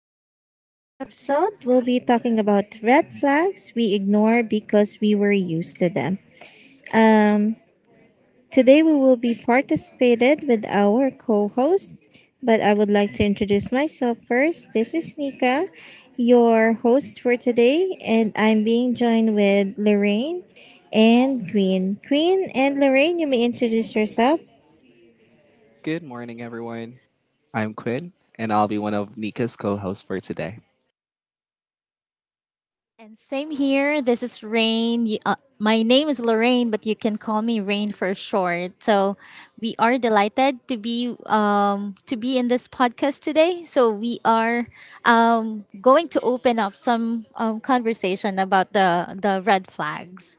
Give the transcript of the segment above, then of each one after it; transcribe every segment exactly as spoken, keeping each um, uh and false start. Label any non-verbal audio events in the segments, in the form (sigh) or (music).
podcast. For today's episode, we'll be talking about red flags we ignore because we were used to them. Um, Today we will be participated with our co-host, but I would like to introduce myself first. This is Nika, your host for today, and I'm being joined with Lorraine and Queen. Queen and Lorraine, you may introduce yourself. Good morning, everyone. I'm Quinn, and I'll be one of Nika's co-hosts for today. And same here. This is Rain. Y- Uh, my name is Lorraine, but you can call me Rain for short. So we are delighted to be um, to be in this podcast today. So we are um, going to open up some um, conversation about the the red flags.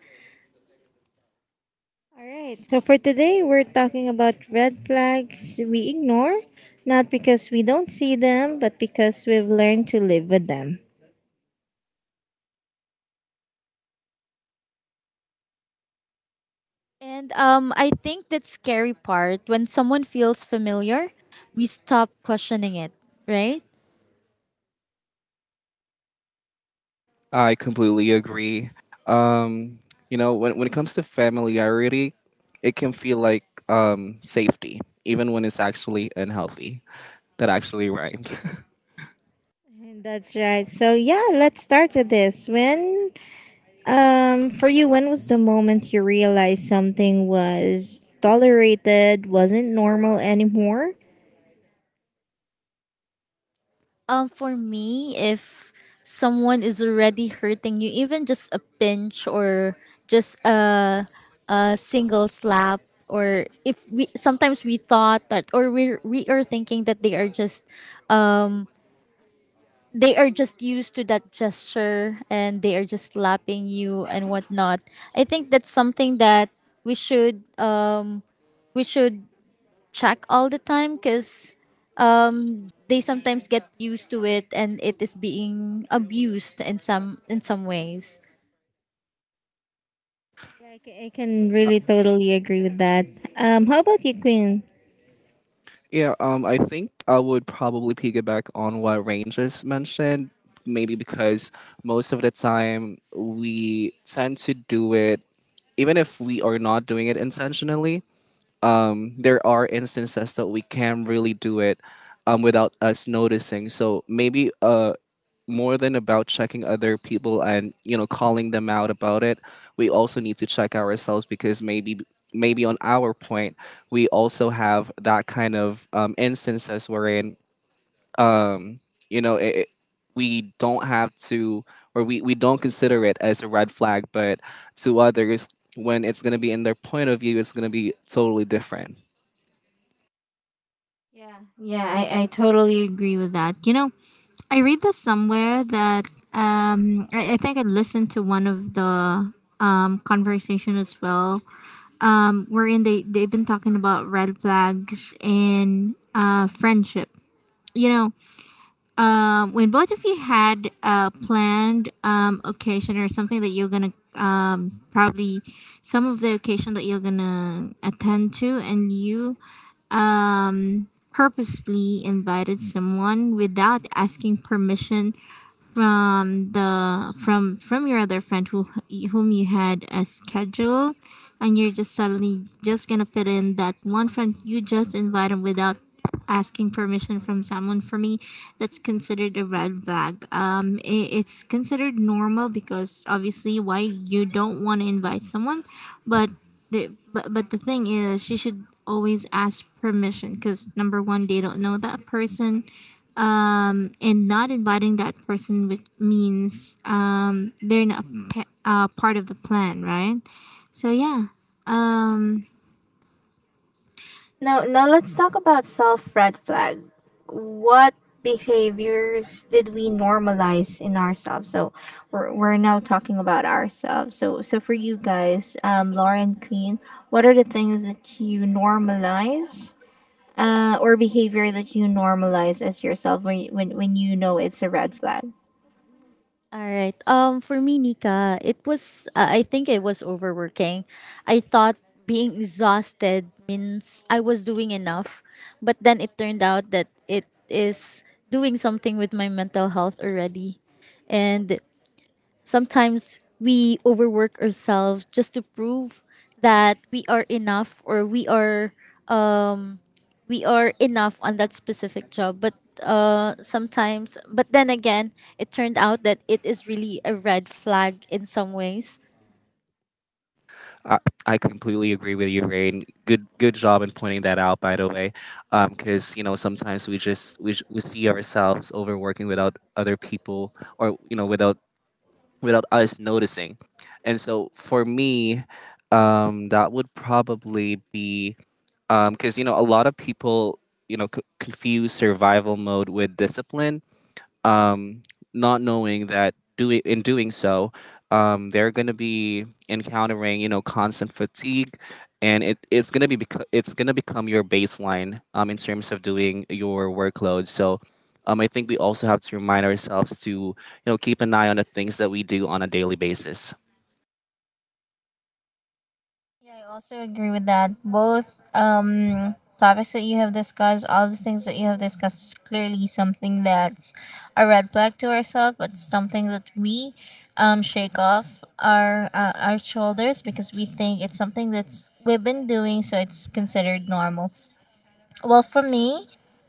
All right. So for today, we're talking about red flags we ignore, not because we don't see them, but because we've learned to live with them. And um, I think that scary part when someone feels familiar, we stop questioning it, right? I completely agree. Um, you know, when, when it comes to familiarity, it can feel like um, safety, even when it's actually unhealthy. That actually rhymed. (laughs) And that's right. So yeah, let's start with this. When, um, for you, when was the moment you realized something was tolerated, wasn't normal anymore? Um, for me, if someone is already hurting you, even just a pinch or just a a single slap, or if we sometimes we thought that, or we we are thinking that they are just, um, they are just used to that gesture and they are just slapping you and whatnot. I think that's something that we should um we should check all the time because um, they sometimes get used to it and it is being abused in some in some ways. Yeah, I ca- I can really totally agree with that. Um, how about you, Queen? yeah, um, I think I would probably piggyback on what Rangers mentioned, maybe because most of the time we tend to do it even if we are not doing it intentionally, um, there are instances that we can really do it um, without us noticing. So maybe uh, more than about checking other people and you know calling them out about it, we also need to check ourselves because maybe maybe on our point we also have that kind of um, instances wherein you know it, it- we don't have to or we, we don't consider it as a red flag, but to others when it's going to be in their point of view, it's going to be totally different. Yeah, yeah, I, I totally agree with that. You know, I read this somewhere that um I, I think I listened to one of the um conversation as well. Um, wherein they, they've been talking about red flags and uh, friendship. You know, um, when both of you had a planned um, occasion or something that you're gonna um, probably some of the occasion that you're gonna attend to, and you um, purposely invited someone without asking permission from the from from your other friend who whom you had a schedule, and you're just suddenly just gonna fit in that one friend you just invited without asking permission from someone. For me, that's considered a red flag. Um i- it's considered normal because obviously why you don't want to invite someone, but the, but but the thing is you should always ask permission because number one, they don't know that person. Um, and not inviting that person with means um, they're not pa- uh, part of the plan, right? So yeah. Um, no, now let's talk about self red flag. What behaviors did we normalize in ourselves? So we're, we're now talking about ourselves. So so for you guys, um, Lauren, Queen, what are the things that you normalize uh, or behavior that you normalize as yourself when, you- when when you know it's a red flag. All right. Um, for me, Nika, it was. Uh, I think it was overworking. I thought being exhausted means I was doing enough, but then it turned out that it is doing something with my mental health already, and sometimes we overwork ourselves just to prove that we are enough or we are we are enough on that specific job. But uh, sometimes, but then again, it turned out that it is really a red flag in some ways. I, I completely agree with you, Rain. Good, good job in pointing that out, by the way, because you know sometimes we just we, j- we see ourselves overworking without other people, or you know without without us noticing. And so for me, um, that would probably be because you know a lot of people you know c- confuse survival mode with discipline, um, not knowing that do in doing so, um, they're going to be encountering you know constant fatigue, and it, it's going to be bec- it's going to become your baseline um, in terms of doing your workload. So. Um, I think we also have to remind ourselves to, you know, keep an eye on the things that we do on a daily basis. Yeah, I also agree with that. Both um, topics that you have discussed, all the things that you have discussed is clearly something that's a red flag to ourselves, but something that we um, shake off our uh, our shoulders because we think it's something that's we've been doing so it's considered normal. Well, for me,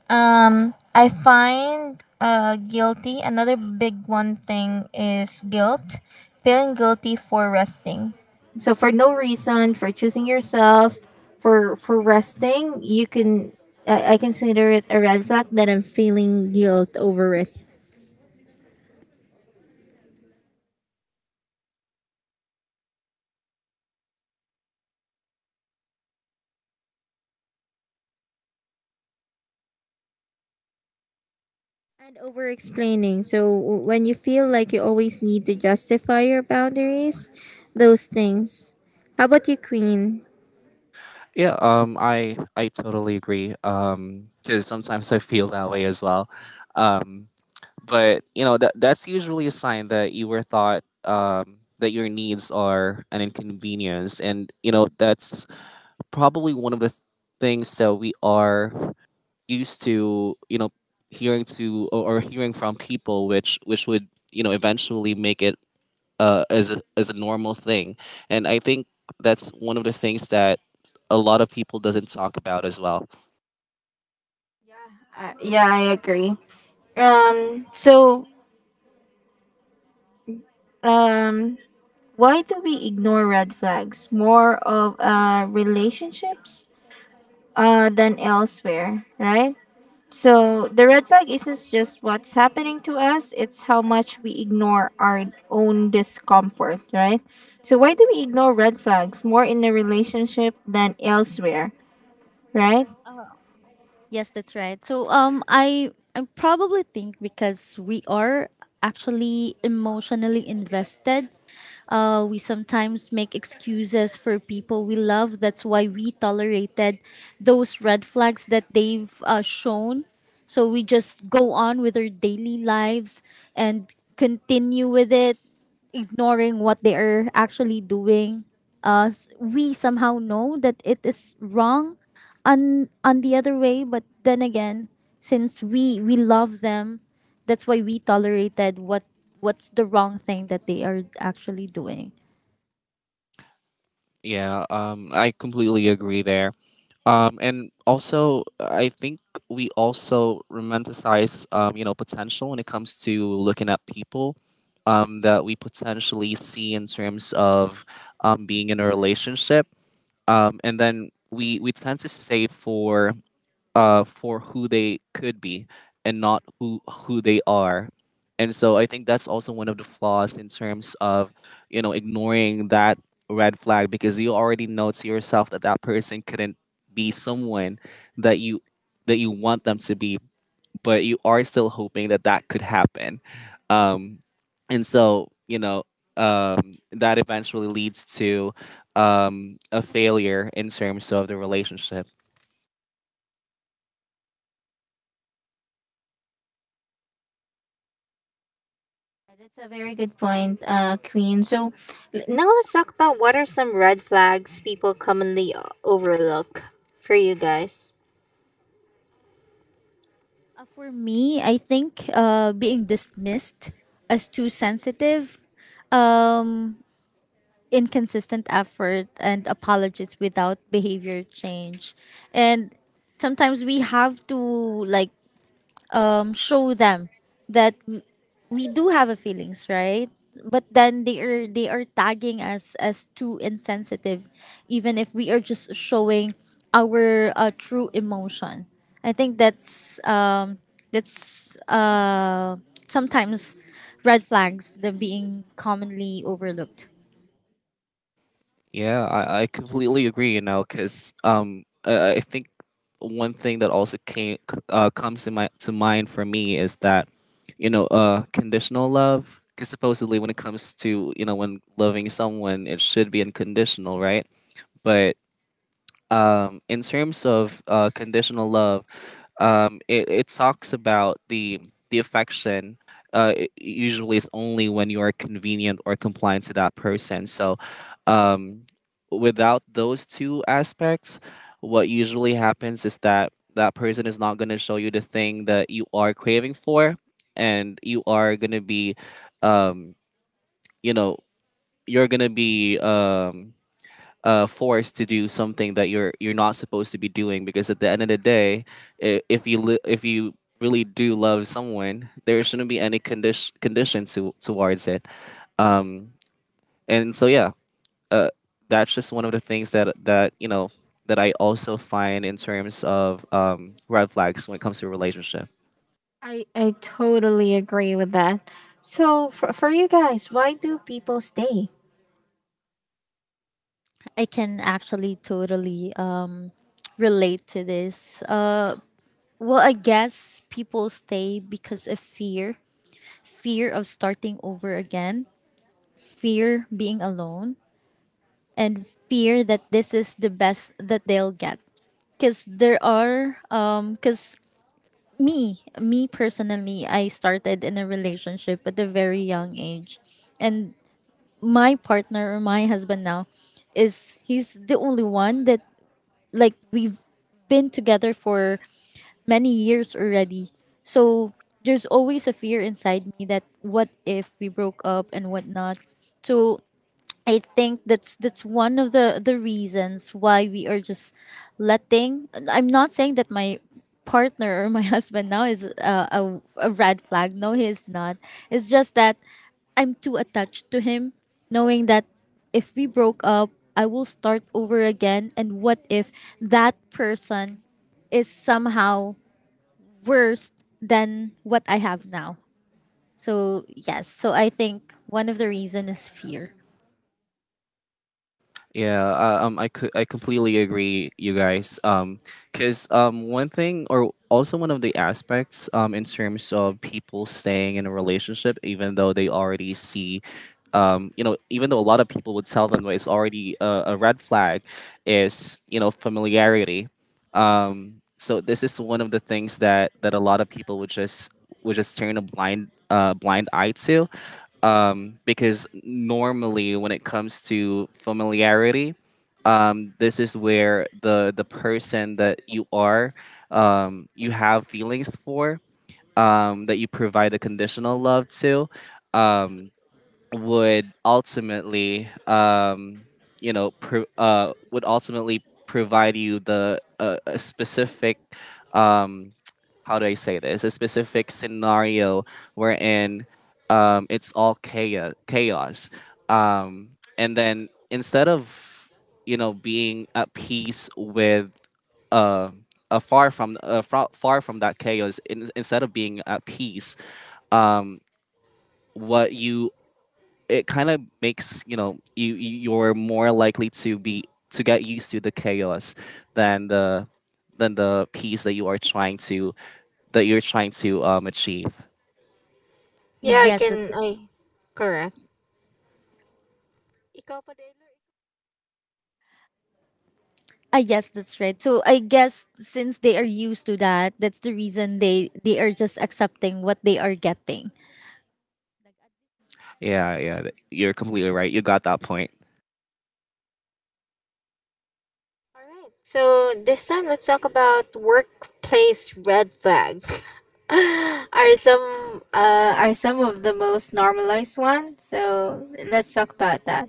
um, I find uh, guilty. Another big one thing is guilt, feeling guilty for resting. So for no reason, for choosing yourself, for for resting, you can I, I consider it a red flag that I'm feeling guilt over it, and over explaining. So w- when you feel like you always need to justify your boundaries, those things. How about you, Queen? Yeah, um, I I totally agree. Um, because sometimes I feel that way as well. Um, but you know that that's usually a sign that you were thought um, that your needs are an inconvenience, and you know that's probably one of the th- things that we are used to. You know, hearing to or, or hearing from people, which which would you know eventually make it uh, as a, as a normal thing, and I think that's one of the things that a lot of people doesn't talk about as well. Uh, yeah, I agree. Um, so, um, why do we ignore red flags more of uh, relationships uh, than elsewhere, right? So, the red flag isn't just what's happening to us, it's how much we ignore our own discomfort, right? So, why do we ignore red flags more in a relationship than elsewhere, right? Yes, that's right. So um I I probably think because we are actually emotionally invested. Uh, we sometimes make excuses for people we love. That's why we tolerated those red flags that they've uh, shown. So we just go on with our daily lives and continue with it, ignoring what they are actually doing. Uh, s- we somehow know that it is wrong on on the other way, but then again, since we we love them, that's why we tolerated what what's the wrong thing that they are actually doing. Yeah, um, I completely agree there. Um, and also, I think we also romanticize, um, you know, potential when it comes to looking at people, um, that we potentially see in terms of um, being in a relationship. Um, and then we, we tend to stay for uh, for who they could be and not who who they are. And so I think that's also one of the flaws in terms of, you know, ignoring that red flag because you already know to yourself that that person couldn't be someone that you that you want them to be, but you are still hoping that that could happen. Um, and so, you know, um, that eventually leads to um, a failure in terms of the relationship. That's a very good point, uh, Queen. So l- now let's talk about what are some red flags people commonly o- overlook for you guys. Uh, for me, i think uh being dismissed as too sensitive, um inconsistent effort and apologies without behavior change. And sometimes we have to, like um, show them that w- we do have a feelings, right? But then they are they are tagging us as too insensitive, even if we are just showing our uh, true emotion. I think that's um, that's uh, sometimes red flags that being commonly overlooked. Yeah, I, I completely agree, you know, because um, I, I think one thing that also came uh, comes to my to mind for me is that, you know, uh, conditional love. Because supposedly, when it comes to you know when loving someone, it should be unconditional, right? But um, in terms of uh, conditional love, um, it, it talks about the the affection. uh, it usually is only when you are convenient or compliant to that person. So, um, without those two aspects, what usually happens is that that person is not going to show you the thing that you are craving for, and you are going to be, um, you know, you're going to be um, uh, forced to do something that you're you're not supposed to be doing because at the end of the day, i- if you li- if you really do love someone, there shouldn't be any condition condition to, towards it. Um, and so yeah, uh, that's just one of the things that that you know that I also find in terms of um, red flags when it comes to a relationship. I, I totally agree with that. So, for, for you guys, why do people stay? I can actually totally um, relate to this. Uh, well, I guess people stay because of fear, fear of starting over again, fear being alone, and fear that this is the best that they'll get. Cause there are um cause me me personally, I started in a relationship at a very young age, and my partner or my husband now is he's the only one that, like, we've been together for many years already. So there's always a fear inside me that what if we broke up and whatnot. So I think that's that's one of the the reasons why we are just letting. I'm not saying that my partner or my (laughs) husband now is a, a, a red flag. No, he is not. It's just that I'm too attached to him, knowing that if we broke up, I will start over again. And what if that person is somehow worse than what I have now. So yes, so I think one of the reason is fear. Yeah, uh, um, I could I completely agree, you guys. Um, because um, one thing or also one of the aspects um in terms of people staying in a relationship, even though they already see, um, you know, even though a lot of people would tell them that it's already a, a red flag, is you know familiarity. um, so this is one of the things that that a lot of people would just would just turn a blind uh, blind eye to, um, because normally when it comes to familiarity, um, this is where the the person that you are, um, you have feelings for, um, that you provide a conditional love to. Um, would ultimately um you know pro- uh would ultimately provide you the uh, a specific um how do I say this, a specific scenario wherein um it's all chaos chaos um and then instead of you know being at peace with uh a far from uh, far, far from that chaos, in, instead of being at peace, um what you, it kind of makes you know you you- you're more likely to be to get used to the chaos than the than the peace that you are trying to that you're trying to um achieve. Yeah, I Yes, that's can. I correct. Ikaw pa, Taylor. ah yes, that's right. So I guess since they are used to that, that's the reason they they are just accepting what they are getting. Yeah, yeah, th- you're completely right. You got that point. All right. So, this time let's talk about workplace red flag. (laughs) Are some uh, are some of the most normalized ones. So, let's talk about that.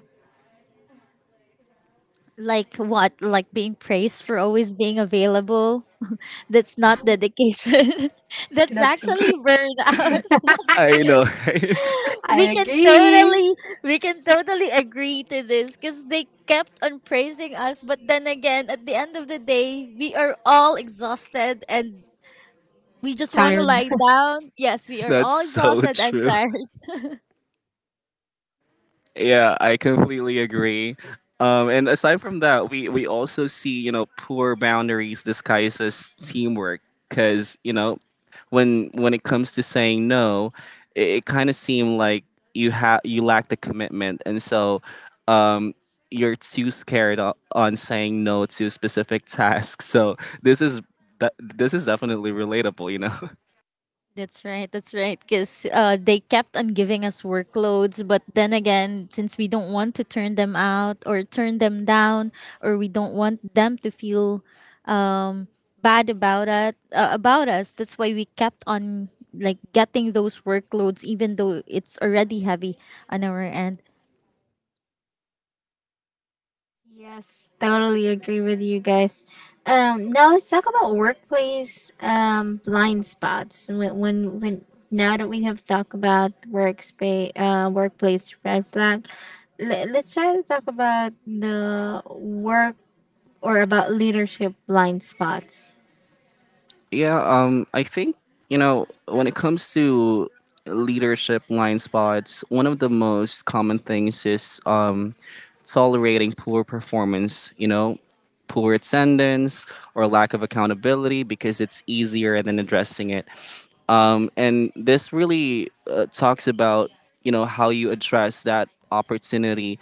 Like what? Like being praised for always being available. (laughs) That's not dedication. (laughs) That's That's actually burnout. (laughs) I know, right? I we can agree. totally we can totally agree to this because they kept on praising us, but then again at the end of the day we are all exhausted and we just want to Tired. lie (laughs) down. Yes, we (laughs) are That's all so exhausted and (laughs) true. tired. Yeah, I completely agree. Um, and aside from that, we, we also see, you know, poor boundaries disguised as teamwork. Because, you know, when when it comes to saying no, it, it kind of seemed like you have you lack the commitment. And so um, you're too scared o- on saying no to specific (laughs) tasks. So this is, that this is definitely relatable, you know? (laughs) That's right. That's right. Because uh, they kept on giving us workloads. But then again, since we don't want to turn them out or turn them down, or we don't want them to feel um, bad about it, uh, about us, that's why we kept on, like, getting those workloads, even though it's already heavy on our end. Yes, totally agree with you guys. Um, now let's talk about workplace um, blind spots. When when, when now that we have talked about workspace uh, workplace red flag, let, let's try to talk about the work or about leadership blind spots. Yeah, um, I think, you know, when it comes to leadership blind spots, one of the most common things is um, tolerating poor performance, you know, poor attendance or lack of accountability because it's easier than addressing it. um, and this really uh, talks about you know how you address that opportunity.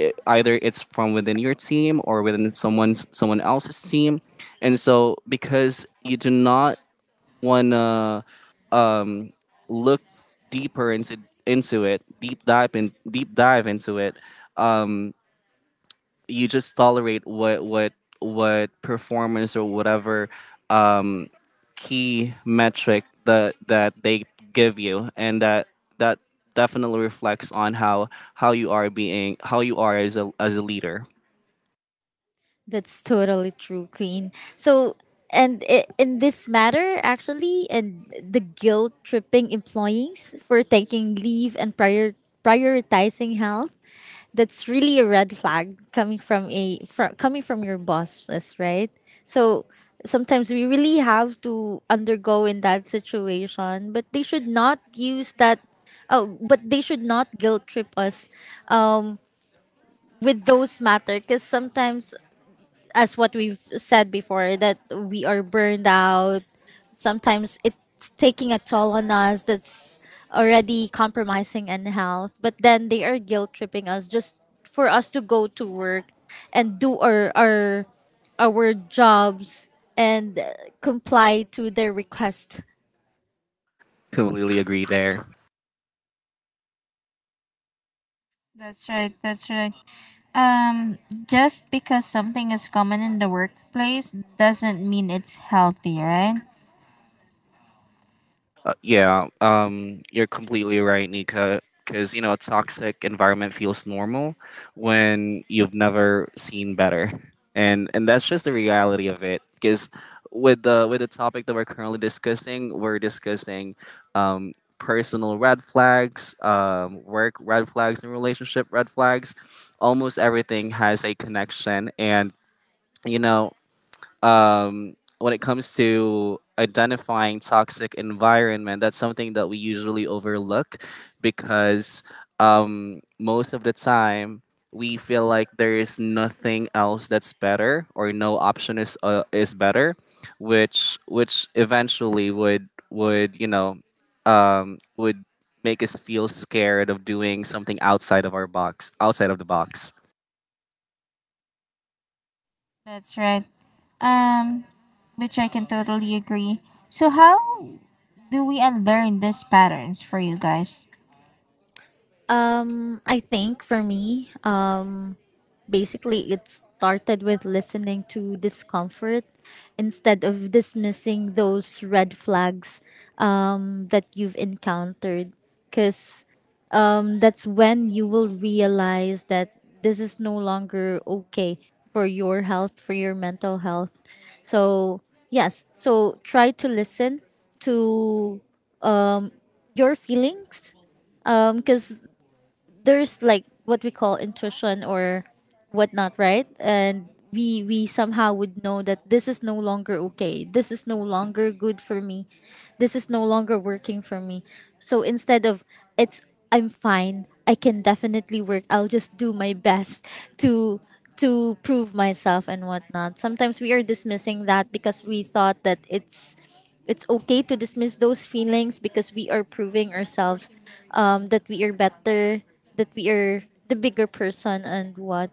I- either it's from within your team or within someone's someone else's team, and so because you do not want to um, look deeper into into it deep dive in deep dive into it, um, you just tolerate what what what performance or whatever um, key metric that that they give you, and that that definitely reflects on how how you are being how you are as a as a leader. That's totally true, Queen. So, and i- in this matter, actually, and the guilt tripping employees for taking leave and prior prioritizing health, that's really a red flag coming from a fr- coming from your bosses, right? So sometimes we really have to undergo in that situation, but they should not use that. Oh, but they should not guilt trip us um, with those matter because sometimes as what we've said before that we are burned out, sometimes it's taking a toll on us, that's already compromising in health, but then they are guilt tripping us just for us to go to work and do our our our jobs and uh, comply to their request. Completely agree there. That's right. That's right. Um, just because something is common in the workplace doesn't mean it's healthy, right? Uh, yeah, um, you're completely right, Nika. Because you know, a toxic environment feels normal when you've never seen better, and and that's just the reality of it. Because with the with the topic that we're currently discussing, we're discussing um, personal red flags, um, work red flags, and relationship red flags. Almost everything has a connection, and you know um, when it comes to identifying toxic environment, that's something that we usually overlook because um, most of the time we feel like there is nothing else that's better or no option is uh, is better, which which eventually would would you know um, would make us feel scared of doing something outside of our box outside of the box. That's right. Um, which I can totally agree. So how do we unlearn these patterns for you guys? Um i think for me um basically, it started with listening to discomfort instead of dismissing those red flags um, that you've encountered. Because that's when you will realize that this is no longer okay for your health, for your mental health. So, yes, so try to listen to your feelings because there's, like, what we call intuition or whatnot, right? And we we somehow would know that this is no longer okay. This is no longer good for me. This is no longer working for me. So instead of it's, I'm fine. I can definitely work. I'll just do my best to to prove myself and whatnot. Sometimes we are dismissing that because we thought that it's it's okay to dismiss those feelings because we are proving ourselves um, that we are better, that we are the bigger person and what.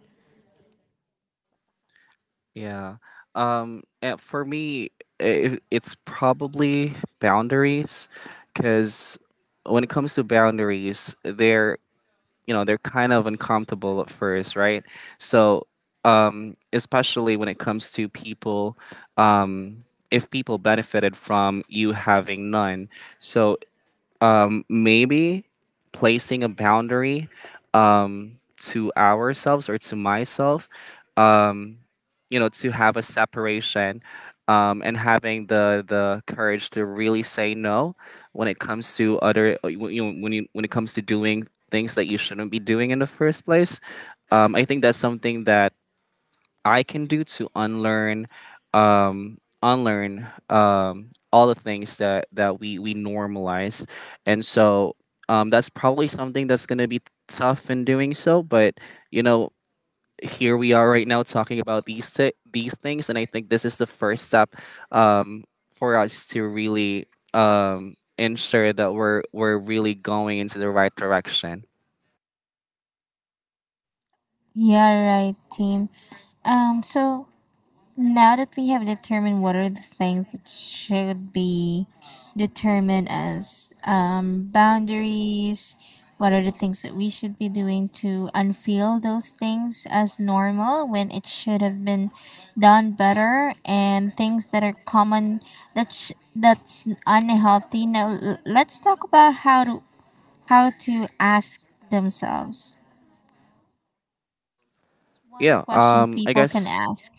Yeah. Um, uh, for me, it, it's probably boundaries, because when it comes to boundaries, they're you know they're kind of uncomfortable at first, right? So, um, especially when it comes to people, um, if people benefited from you having none, so um, maybe placing a boundary um, to ourselves or to myself. Um, you know to have a separation, um, and having the the courage to really say no when it comes to other uh, when you know when you when it comes to doing things that you shouldn't be doing in the first place. um, I think that's something that I can do to unlearn, um, unlearn um, all the things that that we we normalize, and so um, that's probably something that's going to be tough in doing so, but you know here we are right now talking about these thi- these things, and I think this is the first step um, for us to really um, ensure that we're we're really going into the right direction. Yeah, right, team. Um, so now that we have determined what are the things that should be determined as um, boundaries, what are the things that we should be doing to unfeel those things as normal when it should have been done better, and things that are common that sh- that's unhealthy. Now l- let's talk about how to how to ask themselves. One Yeah. question Um. I people can guess. ask.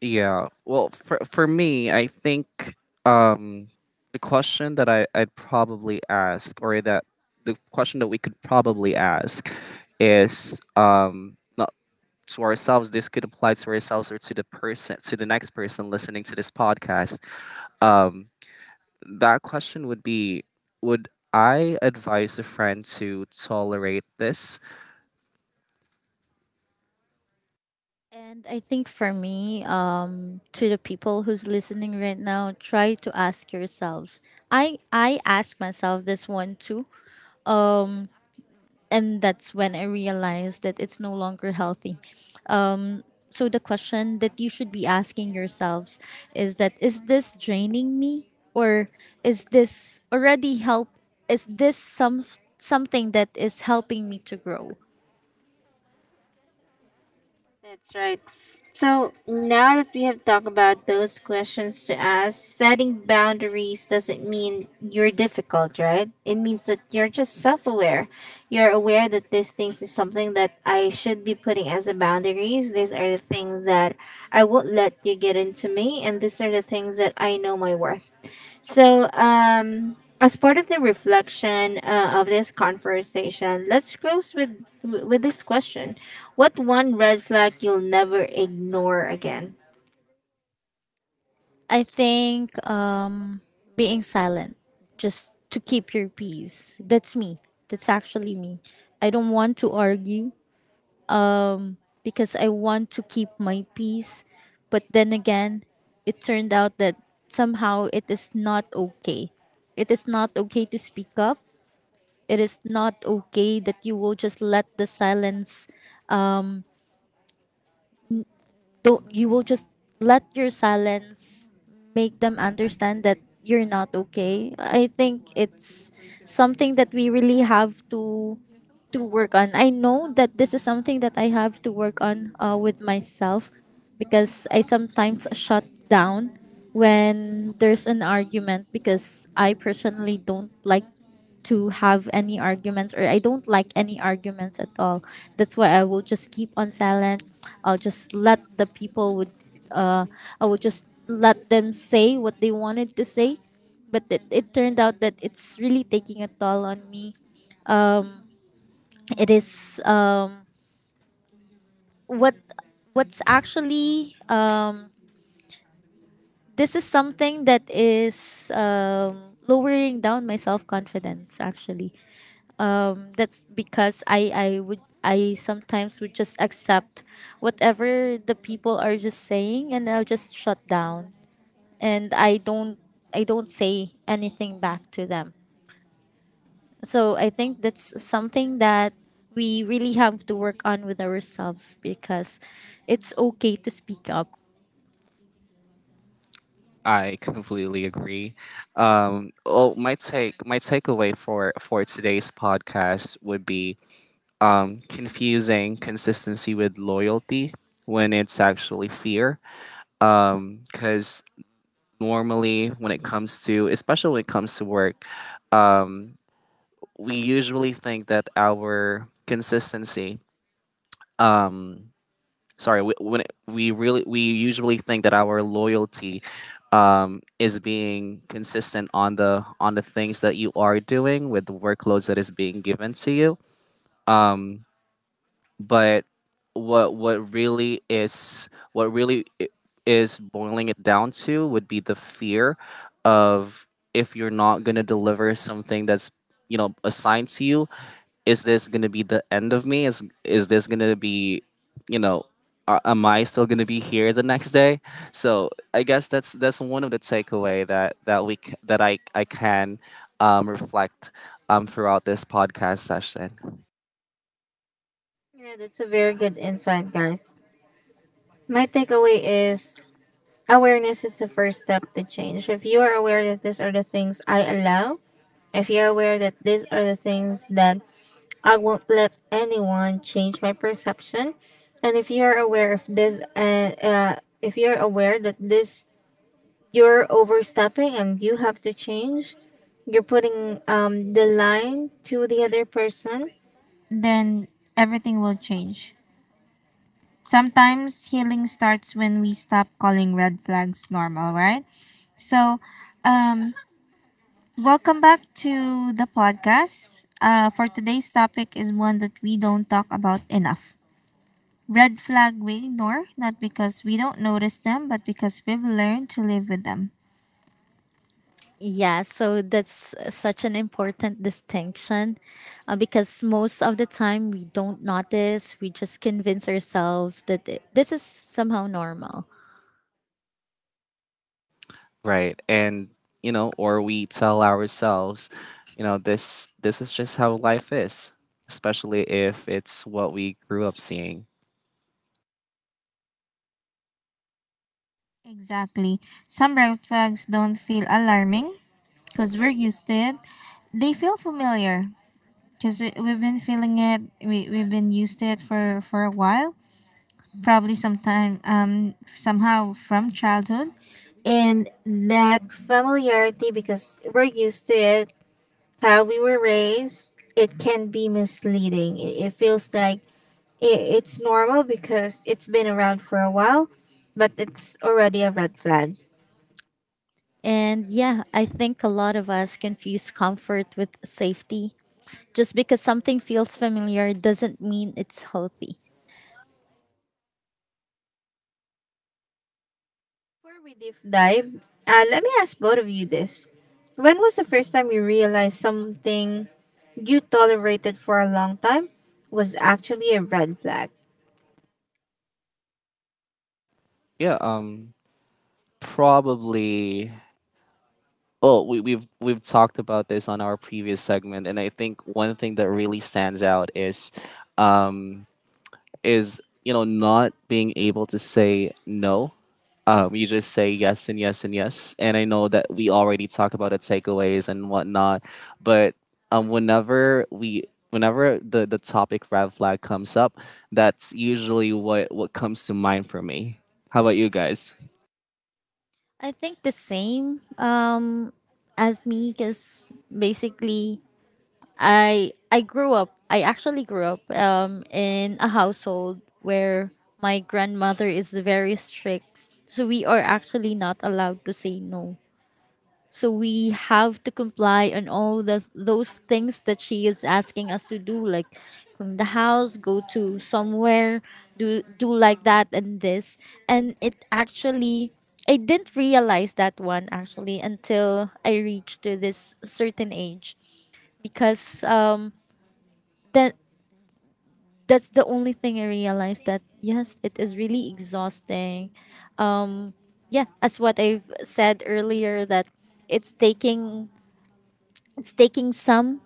Yeah. Well, for for me, I think um, the question that I I'd probably ask, or that the question that we could probably ask is um. Not, to ourselves, this could apply to ourselves or to the person to the next person listening to this podcast. um that question would be, would I advise a friend to tolerate this? And I think for me, um, to the people who's listening right now, try to ask yourselves. I I ask myself this one too, and that's when I realized that it's no longer healthy. So the question that you should be asking yourselves is that is this draining me, or is this already help? Is this some something that is helping me to grow? That's right. So now that we have talked about those questions to ask, setting boundaries doesn't mean you're difficult, right? It means that you're just self aware. You're aware that these things is something that I should be putting as a boundaries. These are the things that I won't let you get into me, and these are the things that I know my worth. So, um, as part of the reflection uh, of this conversation, let's close with with this question: what one red flag you'll never ignore again? I think being silent just to keep your peace. That's me. That's actually me. I don't want to argue because I want to keep my peace. But then again, it turned out that somehow it is not okay. It is not okay to speak up. It is not okay that you will just let the silence don't you will just let your silence make them understand that you're not okay. I think it's something that we really have to to work on. I know that this is something that I have to work on uh, with myself because I sometimes shut down when there's an argument, because I personally don't like to have any arguments, or I don't like any arguments at all. That's why I will just keep on silent. I'll just let the people would uh I will just let them say what they wanted to say. But it, it turned out that it's really taking a toll on me. It is um what what's actually um This is something that is um lowering down my self confidence actually, um, that's because I, I would I sometimes would just accept whatever the people are just saying, and I'll just shut down, and I don't I don't say anything back to them. So I think that's something that we really have to work on with ourselves, because it's okay to speak up. I completely agree. Um oh, my take my takeaway for for today's podcast would be um confusing consistency with loyalty when it's actually fear. Um because normally, when it comes to especially when it comes to work, um we usually think that our consistency um sorry, we, when it, we really we usually think that our loyalty um is being consistent on the on the things that you are doing with the workloads that is being given to you, um but what what really is what really i- is boiling it down to would be the fear of, if you're not going to deliver something that's, you know, assigned to you, is this going to be the end of me? Is is this going to be, you know, a- am I still going to be here the next day? So I guess that's that's one of the takeaway that that we c- that I I can um, reflect um, throughout this podcast session. Yeah, that's a very good insight, guys. My takeaway is awareness is the first step to change. If you are aware that these are the things I allow, if you're aware that these are the things that I won't let anyone change my perception, and if you're aware of this, uh, uh, if you're aware that this you're overstepping and you have to change, you're putting um, the line to the other person, then everything will change. Sometimes healing starts when we stop calling red flags normal, right? So, um, welcome back to the podcast. Uh, for today's topic is one that we don't talk about enough. Red flag we ignore, not because we don't notice them, but because we've learned to live with them. Yeah, so that's such an important distinction, uh, because most of the time we don't notice. We just convince ourselves that th- this is somehow normal. Right. And, you know, or we tell ourselves, you know, this this is just how life is, especially if it's what we grew up seeing. Exactly. Some red flags don't feel alarming because we're used to it. They feel familiar because we, we've been feeling it. We, we've been used to it for, for a while. Probably sometime um, somehow from childhood, and that familiarity because we're used to it, how we were raised, it can be misleading. It, it feels like it, it's normal because it's been around for a while, but it's already a red flag. And yeah, I think a lot of us confuse comfort with safety. Just because something feels familiar doesn't mean it's healthy. Before we deep dive uh, let me ask both of you this: when was the first time you realized something you tolerated for a long time was actually a red flag? Yeah, um probably. Oh, we, we've we've talked about this on our previous segment, and I think one thing that really stands out is, um, is, you know, not being able to say no. Um, you just say yes and yes and yes, and I know that we already talk about the takeaways and whatnot, but um, whenever we whenever the, the topic red flag comes up, that's usually what what comes to mind for me. How about you guys? I think the same, um, as me, because basically I I grew up. I actually grew up um, in a household where my grandmother is very strict. So we are actually not allowed to say no. So we have to comply on all the those things that she is asking us to do, like clean the house, go to somewhere, do do like that and this. And it actually, I didn't realize that one actually until I reached to this certain age, because um that that's the only thing I realized that yes, it is really exhausting. Yeah, as what I've said earlier that it's taking it's taking some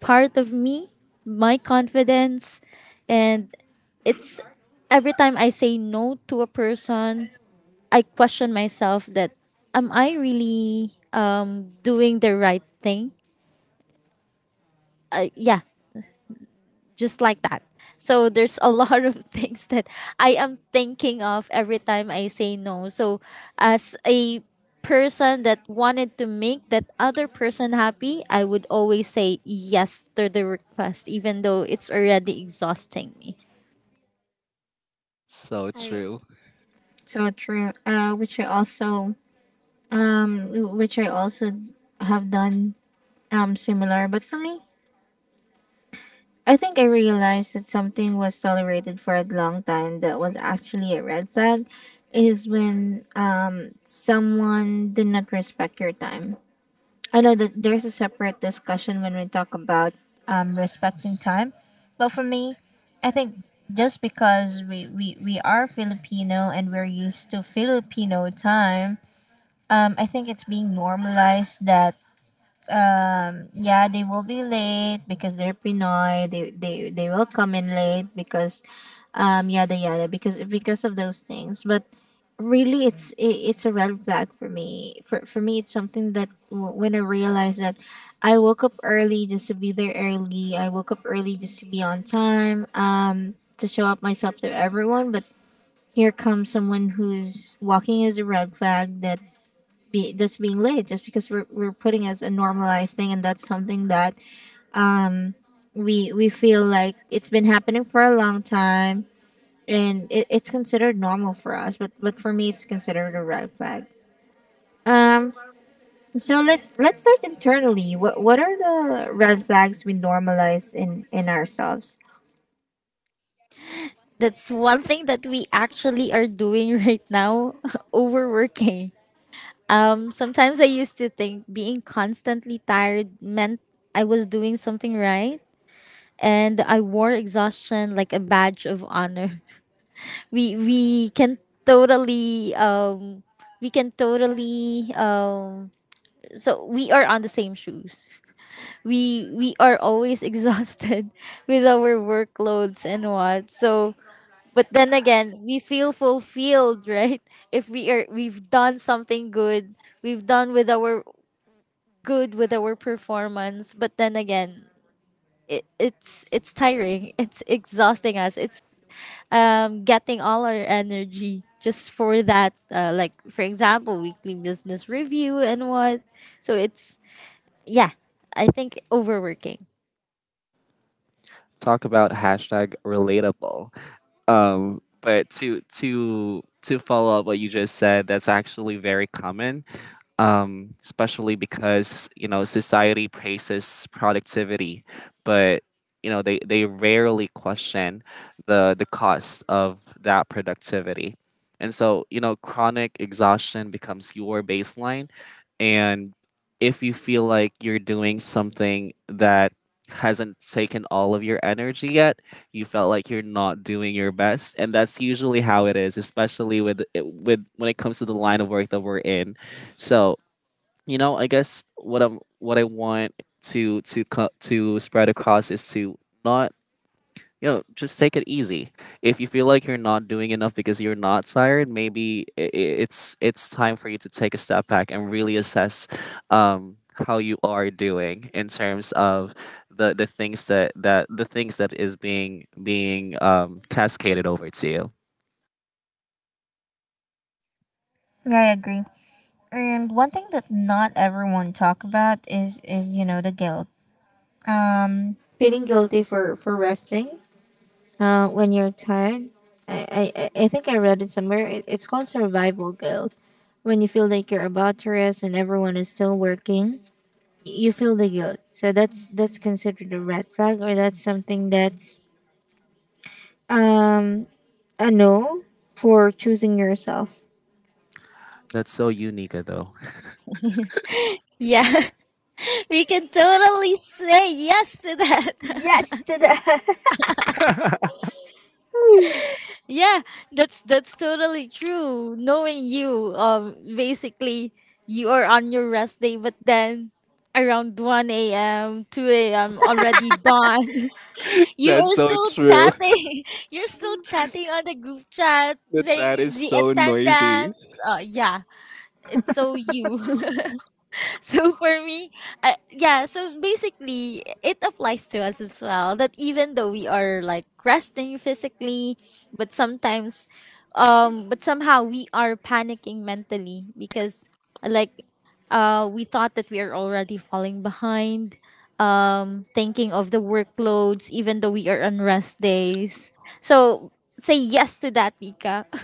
part of me, my confidence, and it's every time I say no to a person, I question myself that am I really um doing the right thing? Uh, yeah, just like that. So there's a lot of (laughs) things that I am thinking of every time I say no. So as a person that wanted to make that other person happy, I would always say yes to the request, even though it's already exhausting me. So I true. so true. Uh, which I also um, which I also have done um, similar. But for me, I think I realized that something was tolerated for a long time that was actually a red flag, is when um, someone did not respect your time. I know that there's a separate discussion when we talk about um, respecting time, but for me, I think just because we, we, we are Filipino and we're used to Filipino time, um, I think it's being normalized that um, yeah they will be late because they're Pinoy. They they they will come in late because um, yada yada, because because of those things. But really, it's i it's a red flag for me. For for me, it's something that w- when I realized that I woke up early just to be there early. I woke up early just to be on time. Um, to show up myself to everyone, but here comes someone who's walking as a red flag that be that's being late, just because we're we're putting as a normalized thing, and that's something that we we feel like it's been happening for a long time, and it, it's considered normal for us, but but for me it's considered a red flag. Um so let's let's start internally. What what are the red flags we normalize in in ourselves? That's one thing that we actually are doing right now, (laughs) overworking. Um, sometimes I used to think being constantly tired meant I was doing something right, and I wore exhaustion like a badge of honor. (laughs) We we can totally um we can totally um so we are on the same shoes. We we are always (laughs) exhausted with our workloads and what. So but then again, we feel fulfilled, right? If we are We've done something good, we've done with our good with our performance, but then again, it, it's it's tiring. (laughs) It's exhausting us. It's um, getting all our energy just for that. Uh, like for example, weekly business review and what. So it's yeah, I think overworking. Talk about hashtag relatable. Um, but to to to follow up what you just said, that's actually very common, um, especially because, you know, society praises productivity, but, you know, they, they rarely question the the cost of that productivity, and so, you know, chronic exhaustion becomes your baseline, and if you feel like you're doing something that hasn't taken all of your energy yet, you felt like you're not doing your best. And that's usually how it is, especially with it- with when it comes to the line of work that we're in. So, you know, I guess what i'm what I want to to co- to spread across is to not, you know, just take it easy. If you feel like you're not doing enough because you're not tired, maybe i- i- it's it's time for you to take a step back and really assess um, how you are doing in terms of the, the things that, that the things that is being being um, cascaded over to you. Yeah, I agree. And one thing that not everyone talk about is is you know, the guilt. Um, feeling guilty for for resting. Uh, when you're tired, I, I, I I think I read it somewhere. It, it's called survival guilt. When you feel like you're about to rest and everyone is still working, you feel the guilt. So that's that's considered a red flag, or that's something that's um, a no for choosing yourself. That's so unique, though. (laughs) Yeah, (laughs) we can totally say yes to that. Yes to that. (laughs) Yeah, that's that's totally true. Knowing you, um, basically you are on your rest day, but then around one a m, two a m, already (laughs) dawn. You That's are so still true. (laughs) chatting. (laughs) You're still chatting on the group chat, The chat saying is the so noisy. attendance. Uh, yeah, it's so you. (laughs) (laughs) So for me uh, yeah, so basically it applies to us as well that even though we are like resting physically but sometimes um but somehow we are panicking mentally because like uh we thought that we are already falling behind, um thinking of the workloads even though we are on rest days. So say yes to that, Tika. (laughs)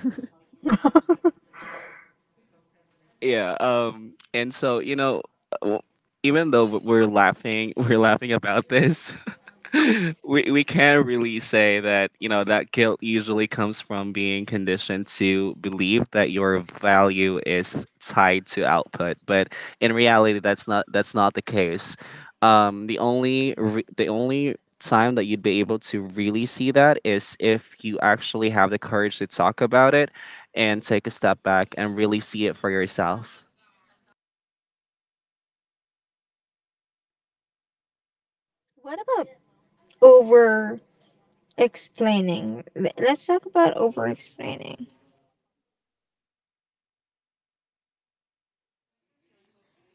Yeah, um and so, you know, w- even though we're laughing (laughs) we're laughing about this, (laughs) we, we can really say that, you know, that guilt usually comes from being conditioned to believe that your value is tied to output, but in reality that's not that's not the case. Um the only re- the only time that you'd be able to really see that is if you actually have the courage to talk about it and take a step back and really see it for yourself. (laughs) What about over explaining? Let's talk about over explaining.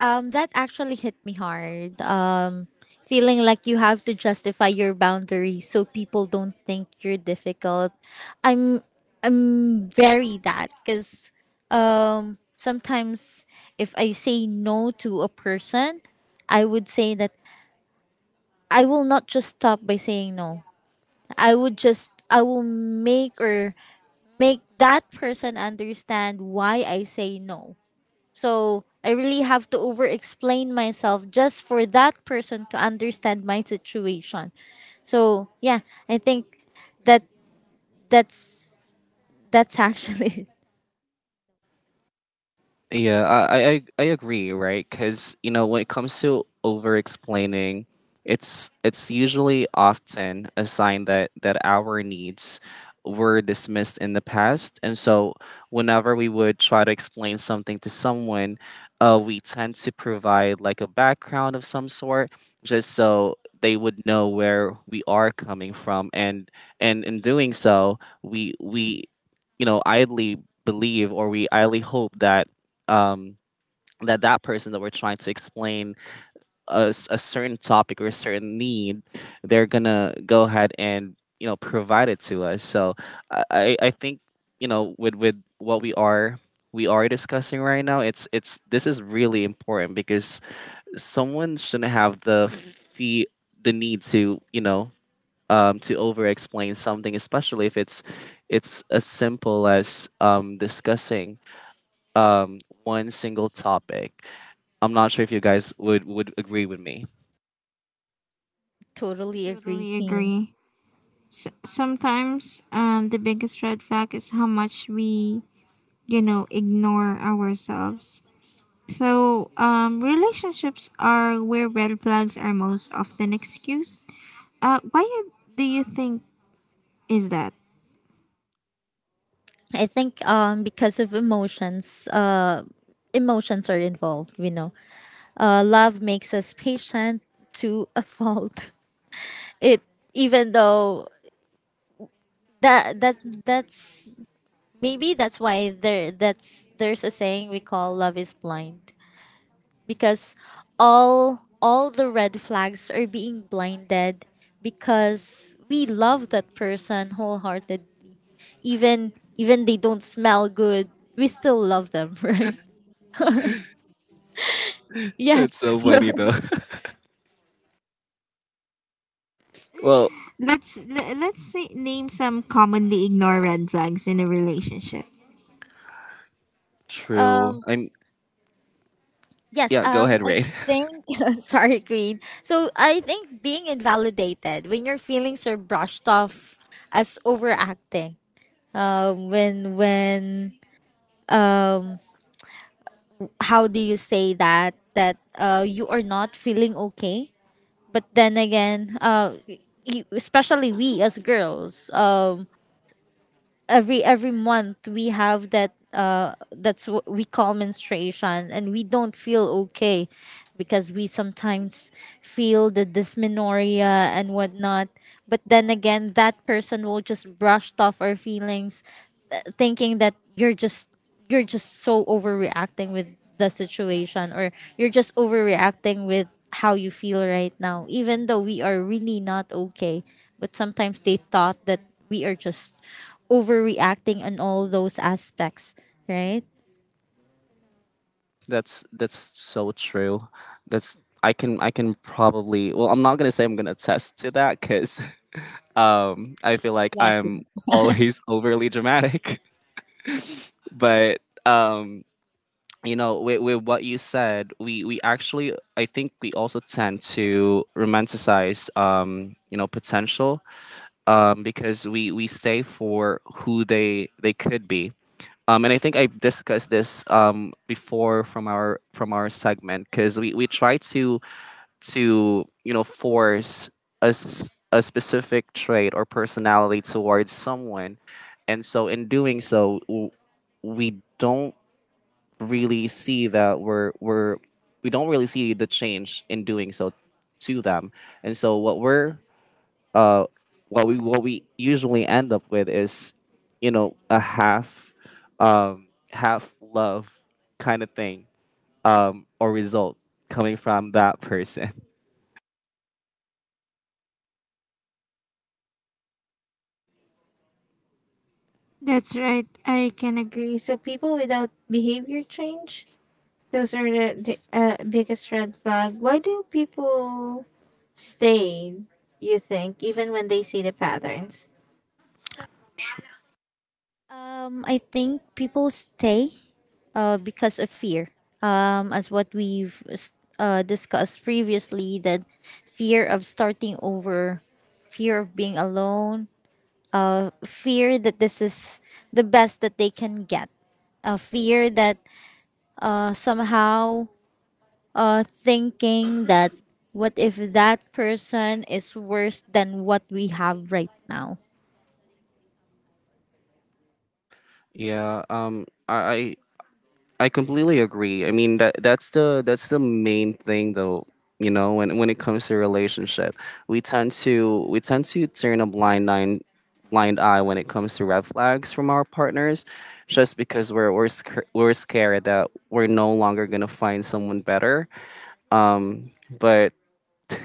Um, that actually hit me hard. Um, feeling like you have to justify your boundaries so people don't think you're difficult. I'm I'm very that because um sometimes if I say no to a person, I would say that I will not just stop by saying no. I would just I will make or make that person understand why I say no, so I really have to over explain myself just for that person to understand my situation. So yeah, I think that that's that's actually Yeah, I I, I I agree, right? Because, you know, when it comes to over explaining, it's it's usually often a sign that that our needs were dismissed in the past, and so whenever we would try to explain something to someone, uh, we tend to provide like a background of some sort, just so they would know where we are coming from, and and in doing so, we we, you know, idly believe, or we idly hope that um, that that person that we're trying to explain a, s- a certain topic or a certain need, they're gonna go ahead and, you know, provide it to us. So I, I, I think, you know, with with what we are we are discussing right now, it's it's this is really important because someone shouldn't have the fee the need to, you know, um, to over explain something, especially if it's, it's as simple as um, discussing um, one single topic. I'm not sure if you guys would would agree with me. (laughs) We totally agree, totally Keen. agree. S- sometimes um, the biggest red flag is how much we, you know, ignore ourselves. So um, relationships are where red flags are most often excused. Uh, why you, do you think is that? I think um because of emotions, uh emotions are involved, you know. Uh, love makes us patient to a fault. (laughs) It even though that that that's maybe that's why there that's there's a saying we call love is blind because all all the red flags are being blinded because we love that person wholehearted, even even they don't smell good, we still love them. (laughs) Right? Yeah. That's so So funny though. (laughs) Well, Let's le- let's say, name some commonly ignored red flags in a relationship. true. um I'm yes Yeah, go um ahead, I Ray. think (laughs) sorry, Queen, so I think being invalidated when your feelings are brushed off as overacting. Um when when um how do you say that that uh, you are not feeling okay, but then again, uh, you, especially we as girls, um, every every month we have that, uh, that's what we call menstruation, and we don't feel okay because we sometimes feel the dysmenorrhea and whatnot. But then again, that person will just brush off our feelings, uh, thinking that you're just you're just so overreacting with the situation, or you're just overreacting with how you feel right now even though we are really not okay. But sometimes they thought that we are just overreacting on all those aspects, right? (laughs) That's that's so true. That's, I can I can probably, well, I'm not gonna say, I'm gonna attest to that, because (laughs) um I feel like Exactly. I'm always overly dramatic, (laughs) but um you know, with, with what you said, we we actually, I think we also tend to romanticize, um you know, potential, um, because we we stay for who they they could be. Um, and I think I discussed this um, before, from our from our segment, because we, we try to to you know, force a, s- a specific trait or personality towards someone, and so, in doing so, w- we don't really see that we're we're we don't really see the change in doing so to them, and so what we're what we what we usually end up with is, you know, a half um half love kind of thing um or result coming from that person. That's right. I can agree. So people without behavior change, those are the, the uh, biggest red flag. Why do people stay, you think, even when they see the patterns? um I think people stay uh because of fear, um, as what we've uh, discussed previously that fear of starting over, fear of being alone, fear that this is the best that they can get. A fear that uh, somehow uh, thinking that what if that person is worse than what we have right now. Yeah, um, I, I completely agree. I mean, that that's the that's the main thing though, you know, when when it comes to relationship. We tend to we tend to turn a blind eye blind eye when it comes to red flags from our partners, just because we're we're, sc- we're scared that we're no longer going to find someone better. Um, but (laughs)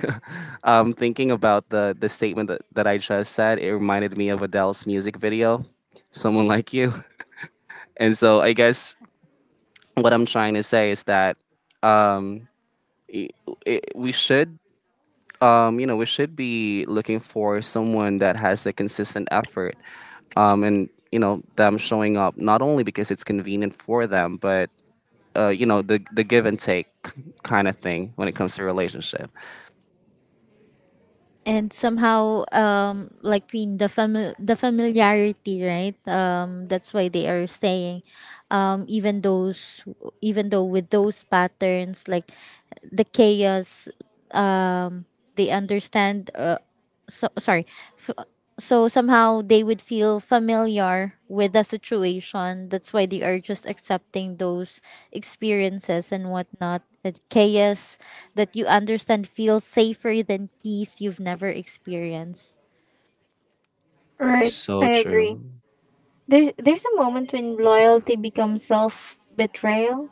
um thinking about the the statement that, that I just said, it reminded me of Adele's music video, Someone Like You. And so I guess what I'm trying to say is that um I I we should, um you know, we should be looking for someone that has a consistent effort, um and, you know, them showing up not only because it's convenient for them, but uh, you know, the the give and take kind of thing when it comes to relationship. And somehow, um, like in the fami- the familiarity, right? Um, that's why they are saying, um, even those, even though with those patterns, like the chaos, they understand. Uh, so sorry f- so somehow they would feel familiar with the situation, that's why they are just accepting those experiences and whatnot, that chaos that you understand feels safer than peace you've never experienced. Right, So I agree. true. There's there's a moment when loyalty becomes self betrayal.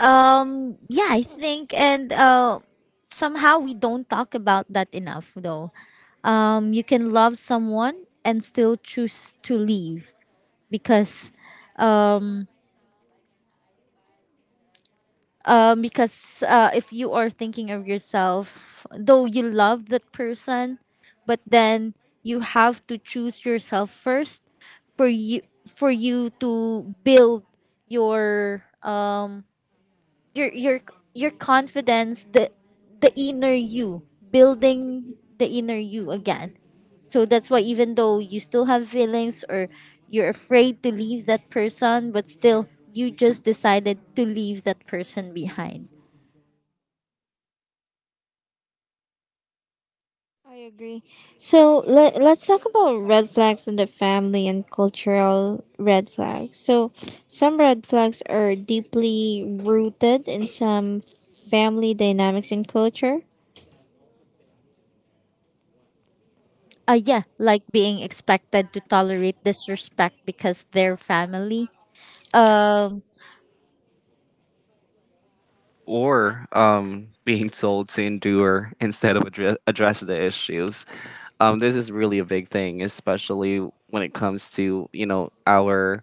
um Yeah, I think. And uh somehow we don't talk about that enough though. Um, you can love someone and still choose to leave because um, um, because uh, if you are thinking of yourself, though you love that person, but then you have to choose yourself first, for you for you to build your uh, your your your confidence, the the inner you, building the inner you again. So that's why even though you still have feelings, or you're afraid to leave that person, but still you just decided to leave that person behind. I agree. So let, let's talk about red flags in the family and cultural red flags. So some red flags are deeply rooted in some family dynamics and culture. Uh, yeah, like being expected to tolerate disrespect because they're family. Um, yeah, Or, um, being told to endure instead of addre- address the issues. Um, this is really a big thing, especially when it comes to, you know, our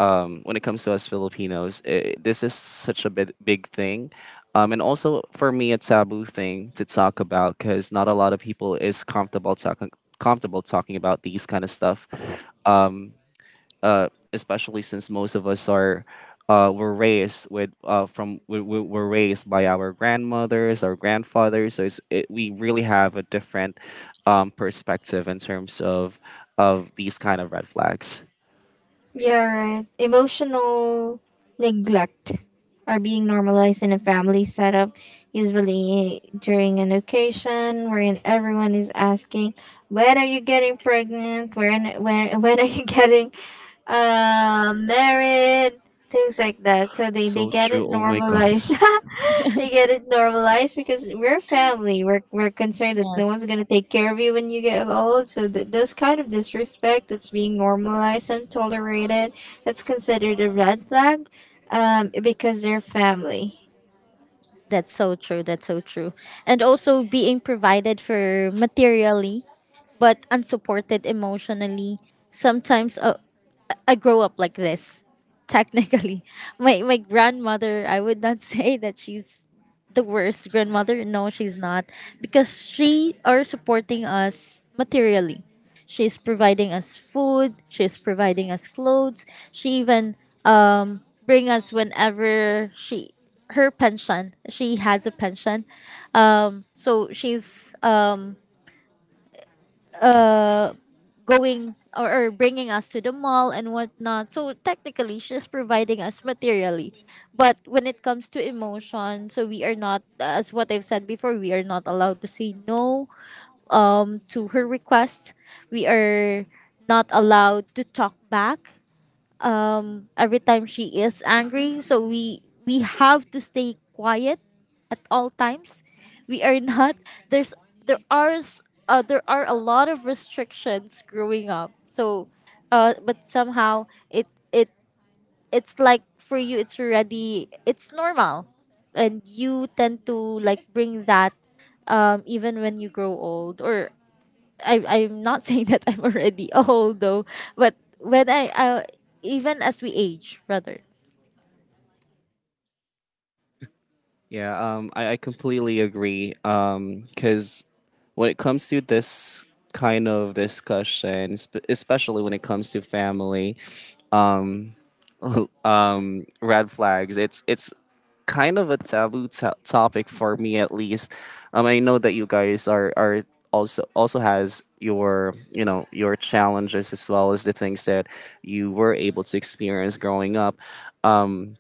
um, when it comes to us Filipinos. I This is such a big, big thing, um, and also for me a taboo thing to talk about because not a lot of people is comfortable talking comfortable talking about these kind of stuff. Um, uh, especially since most of us are uh, were raised with uh, from we, we were raised by our grandmothers, our grandfathers. So it's, it, we really have a different um, perspective in terms of of these kind of red flags. Yeah, right. Emotional neglect are being normalized in a family setup, usually during an occasion wherein everyone is asking, "When are you getting pregnant? When where (laughs) when are you (laughs) getting uh, married?" Things like that. So they they So get it true. Oh my normalized. (laughs) gosh. They get it normalized because we're family. We're, we're concerned that no one's going to yes, take care of you when you get old. So, th- those kind of disrespect that's being normalized and tolerated, that's considered a red flag um, because they're family. that's so true. That's so true. And also being provided for materially, but unsupported emotionally. Sometimes uh, I grow up like this. Technically, (laughs) my my grandmother, I would not (laughs) say that she's the worst grandmother. No, she's not because she are supporting us materially. She's providing us food. She's providing us clothes. She even um bring us whenever she her pension. She has a pension. Um, so she's going or, or bringing us to the mall and whatnot. So technically, she's providing us materially, but when it comes to emotion, so we are not, as what I've said before, we are not allowed to say no um to her requests. We are not allowed to talk back, um every time she is angry, so we we have to stay quiet at all times. We are (laughs) not there's there are s- uh, there are a lot of restrictions growing up. So uh but somehow it it it's like for you it's already it's normal, and you tend to like bring that um even when you grow old. Or I I'm not (laughs) saying that I'm already (laughs) old though, but when I, I even as we age, rather. Yeah, um, I, I completely agree. Um, Because when it comes to this kind of discussion, sp- especially when it comes to family, um, (laughs) um, red flags, it's it's kind of a taboo to topic for me, at least. Um, I know that you guys are are also also has your, you know, your challenges, as well as the things that you were able to experience growing up. Um,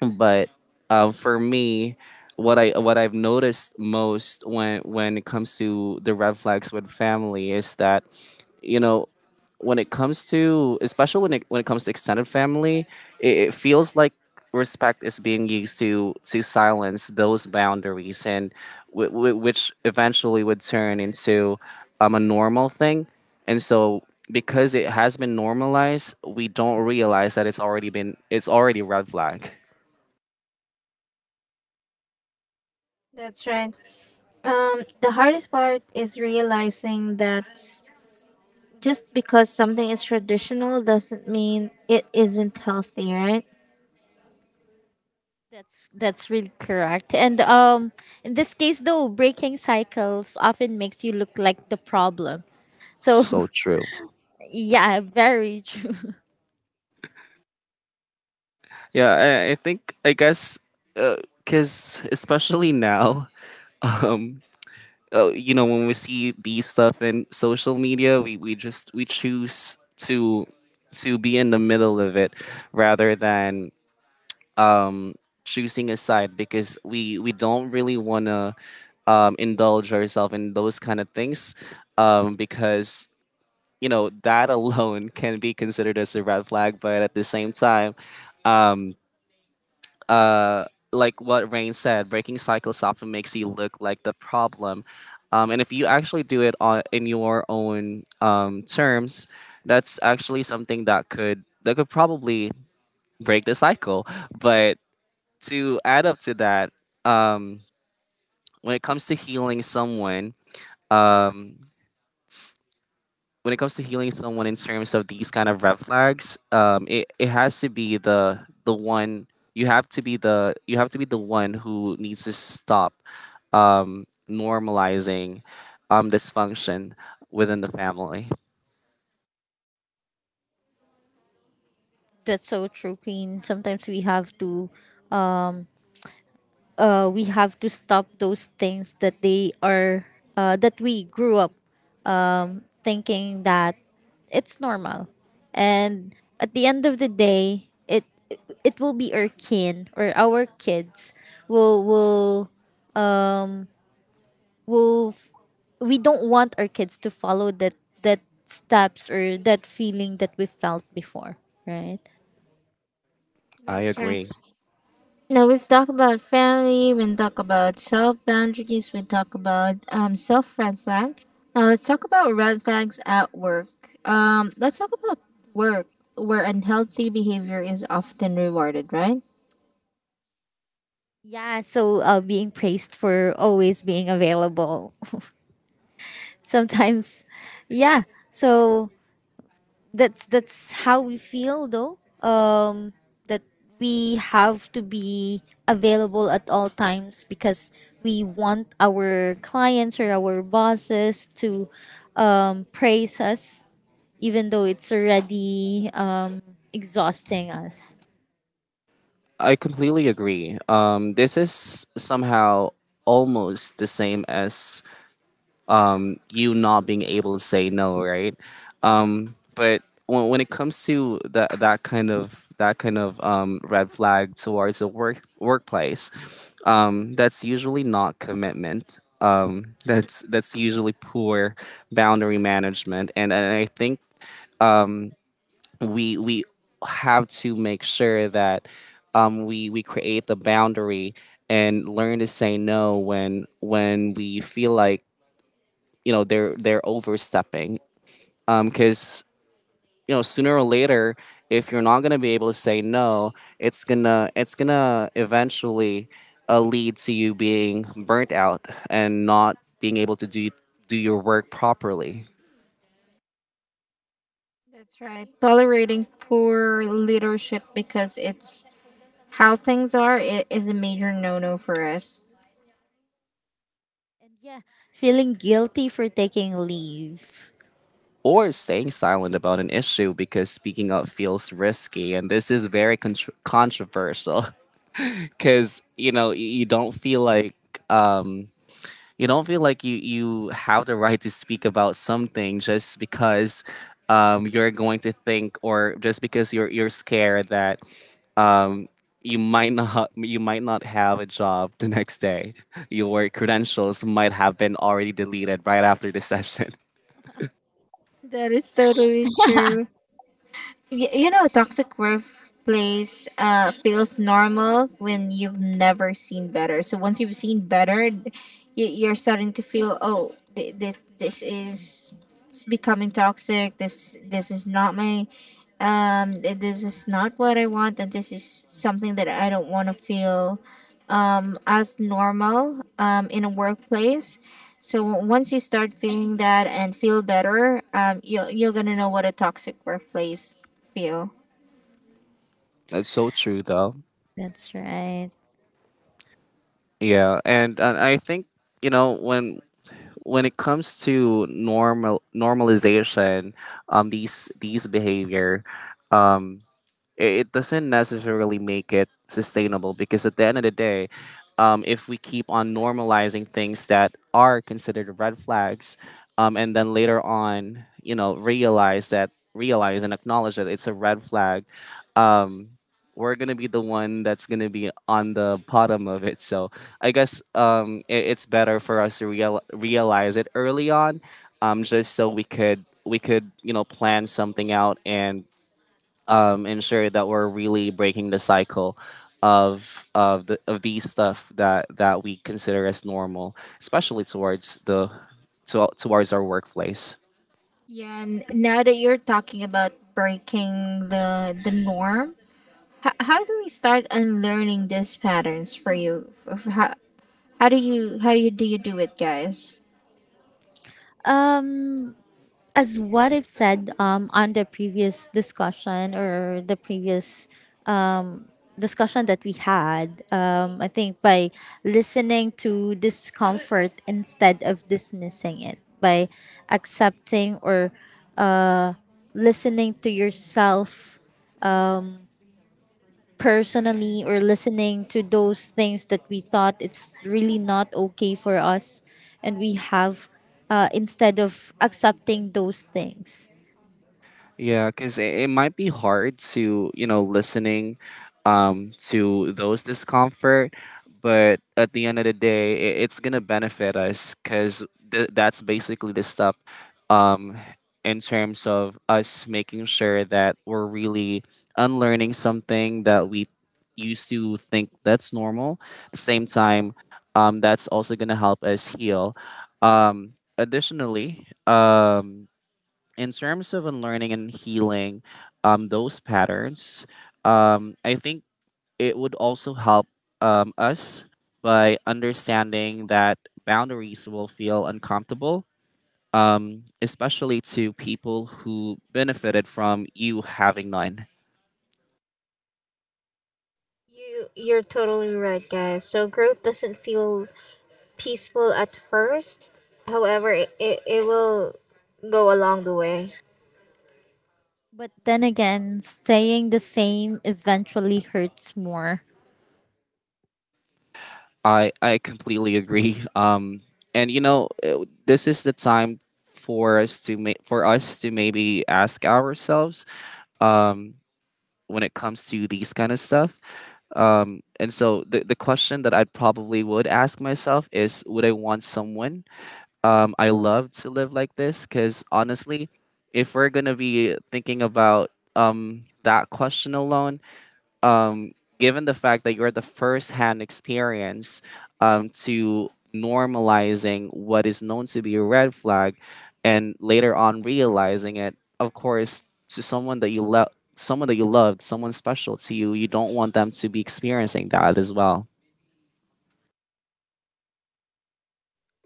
but uh, for me, what i what I've noticed most when when it comes to the red flags with family is that, you know, when it comes to, especially when it when it comes to extended family, it, it feels like respect is being used to to silence those boundaries, and w- w- which eventually would turn into um, a normal thing, and so because it has been normalized, we don't realize that it's already been it's already red flag. That's right. Um, the hardest part is realizing that just because something is traditional doesn't mean it isn't healthy, right? That's that's really correct. And um, in this case though, breaking cycles often makes you look like the problem. So So true. (laughs) yeah, very true. (laughs) Yeah, I, I think I guess, because especially now, (laughs) um, uh, you know, when we see these stuff in social media, we we just we choose to to be in the middle of it rather than choosing a side, because we we don't really want to um, indulge ourselves in those kind of things, um, because, you know, that (laughs) alone can be considered as a red flag, but at the same time um, uh, like what Rain said, breaking cycles often makes you look like the problem. Um, and if you actually do it on, in your own um, terms, that's actually something that could that could probably break the cycle. But to add up to that, um, when it comes to healing someone, um, when it comes to healing someone in terms of these kind of red flags, um, it, it has to be the the one you have to be the you have to be the one who needs to stop um, normalizing um, dysfunction within the family. That's so true, Queen. Sometimes we have to uh we have to stop those things that they are uh that we grew up thinking that it's normal. And at the end of the day, it it will be our kin or our kids will will um will f- we don't want our kids to follow that that steps or that feeling that we felt before, right? I That's right. agree. Now we've talked about family, we talk about self boundaries, we talk about um, self red flag. Now let's talk about red flags at work. Um, let's talk about work where unhealthy behavior is often rewarded, right? Yeah, so uh, being praised for always being available. (laughs) Sometimes, yeah. So that's that's how we feel though, um that we have to be available at all times because we want our clients or our bosses to um, praise us even though it's already um, exhausting us. I completely agree. Um, this is somehow almost the same as um, you not being able to say no, right? Um, but when, when it comes to that that kind of that kind of um, red flag towards the work workplace, um, that's usually not commitment. Um, that's that's usually poor boundary management, and, and I think we we have to make sure that um, we we create the boundary and learn to say no when when we feel like you know they're they're overstepping, because you know sooner or later, if you're not gonna be able to say no, it's gonna it's gonna eventually uh, lead to you being burnt out and not being able to do do your work properly That's right. Tolerating poor leadership because it's how things are, it is a major no no for us. And yeah, feeling guilty for taking leave. or staying silent about an issue because speaking up feels risky. And this is very contr controversial (laughs) because you know y- you don't feel like um you don't feel like you you have the right to speak about something just because um, you're going to think, or just because you're you're scared that um, you might not you might not have a job the next day. Your credentials might have been already deleted right after the (laughs) session. That is totally true. Y- you know, toxic workplace uh, feels normal when you've never seen better. So once you've seen better, y- you're starting to feel, oh, th- this this is becoming toxic. This this is not my, um, th- this is not what I want, and this is something that I don't want to feel, um, as normal, um, in a workplace. So o- once you start feeling that and feel better, um, you you're gonna know what a toxic workplace feel. That's so true, though. That's right. Yeah, and, and I think, you know, when when it comes to normal normalization, um, these these behavior, um, i- it doesn't necessarily make it sustainable, because at the end of the day, um, if we keep on normalizing things that are considered red flags, um, and then later on, you know, realize that realize and acknowledge that it's a red flag, um, we're gonna be the one that's gonna be on the bottom of it. So I guess um, it, it's better for us to real, realize it early on, um, just so we could we could, you know, plan something out and um, ensure that we're really breaking the cycle of of the of these stuff that that we consider as normal, especially towards the to, towards our workplace. Yeah, and now that you're talking about breaking the the norm, how, how do we start unlearning these patterns for you? Of How, how do you how you do you do it, guys? um as what I've said um, on the previous discussion, or the previous um, discussion that we had, um, I think by listening to discomfort instead of dismissing it, by accepting or uh, listening to yourself personally, or listening to those things that we thought it's really not okay for us, and we have uh, instead of accepting those things. Yeah, because it, it might be hard to, you know, listening um, to those discomfort, but at the end of the day, it, it's going to benefit us because th- that's basically the step, um, in terms of us making sure that we're really unlearning something that we used to think that's normal. At the same time, um, that's also going to help us heal. Um, additionally, um, in terms of unlearning and healing um, those patterns, um, I think it would also help um, us by understanding that boundaries will feel uncomfortable, um, especially to people who benefited from you having none. You you're totally right, guys. So growth doesn't feel peaceful at first. However, it, it, it will go along the way. But then again, staying the same eventually hurts more. I, I completely agree. (laughs) Um, and you know, uh, this is the time for us to make for us to maybe ask ourselves Um, when it comes to these kind of stuff. Um, and so the, the question that I probably would ask myself is, would I want someone um, I love to live like this? Because honestly, if we're going to be thinking about um, that question alone, um, given the fact that you're the first hand experience um, to normalizing what is known to be a red flag and later on realizing it, of course, to someone that you love. Someone that you loved, someone special to you, you don't want them to be experiencing that as well.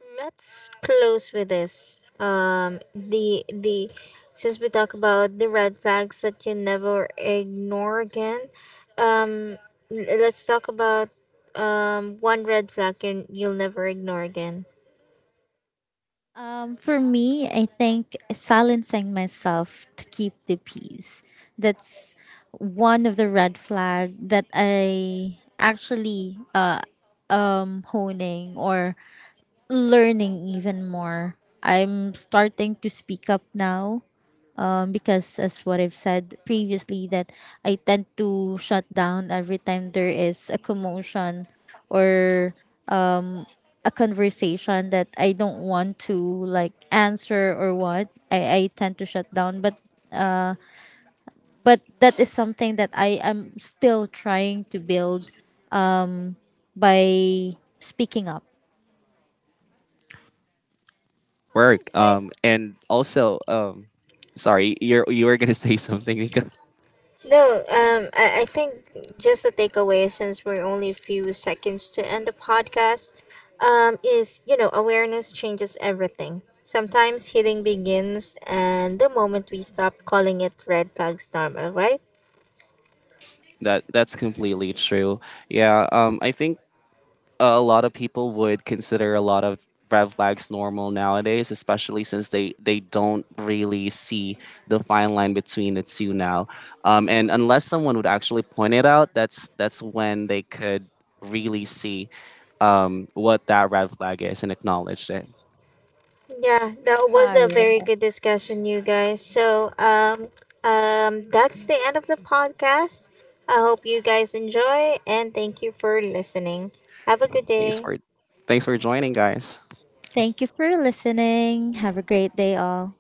Let's close with this. Um, the the since we talk about the red flags that you never ignore again, um, l- let's talk about um, one red flag you you'll never ignore again. Um, for me, I think silencing myself to keep the peace. That's one of the red flag that I actually am honing or learning even more. I'm starting to speak up now, um, because, as what I've said previously, that I tend to shut down every time there is a commotion or a conversation that I don't want to like answer or what, I, I tend to shut down. But but that is something that I am still trying to build by speaking up. All right, Work, so I um, and also, um, sorry, you're you were gonna (laughs) say something, Nico. no, um, I, I think just a takeaway since we're only a few seconds to end the podcast, um, is you know awareness changes everything. Sometimes healing begins, and the moment we stop calling it red flags normal, right? That that's completely true. Yeah, um, I think a lot of people would consider a lot of red flags normal nowadays, especially since they, they don't really see the fine line between the two now. Um, and unless someone would actually point it out, that's that's when they could really see um, what that red flag is and acknowledge it. Yeah, that was All a very right. good discussion, you guys. So, um, um, that's the end of the podcast. I hope you guys enjoy, and thank you for listening. Have a good Thanks day. for Thanks for joining, guys. Thank you for listening. Have a great day all.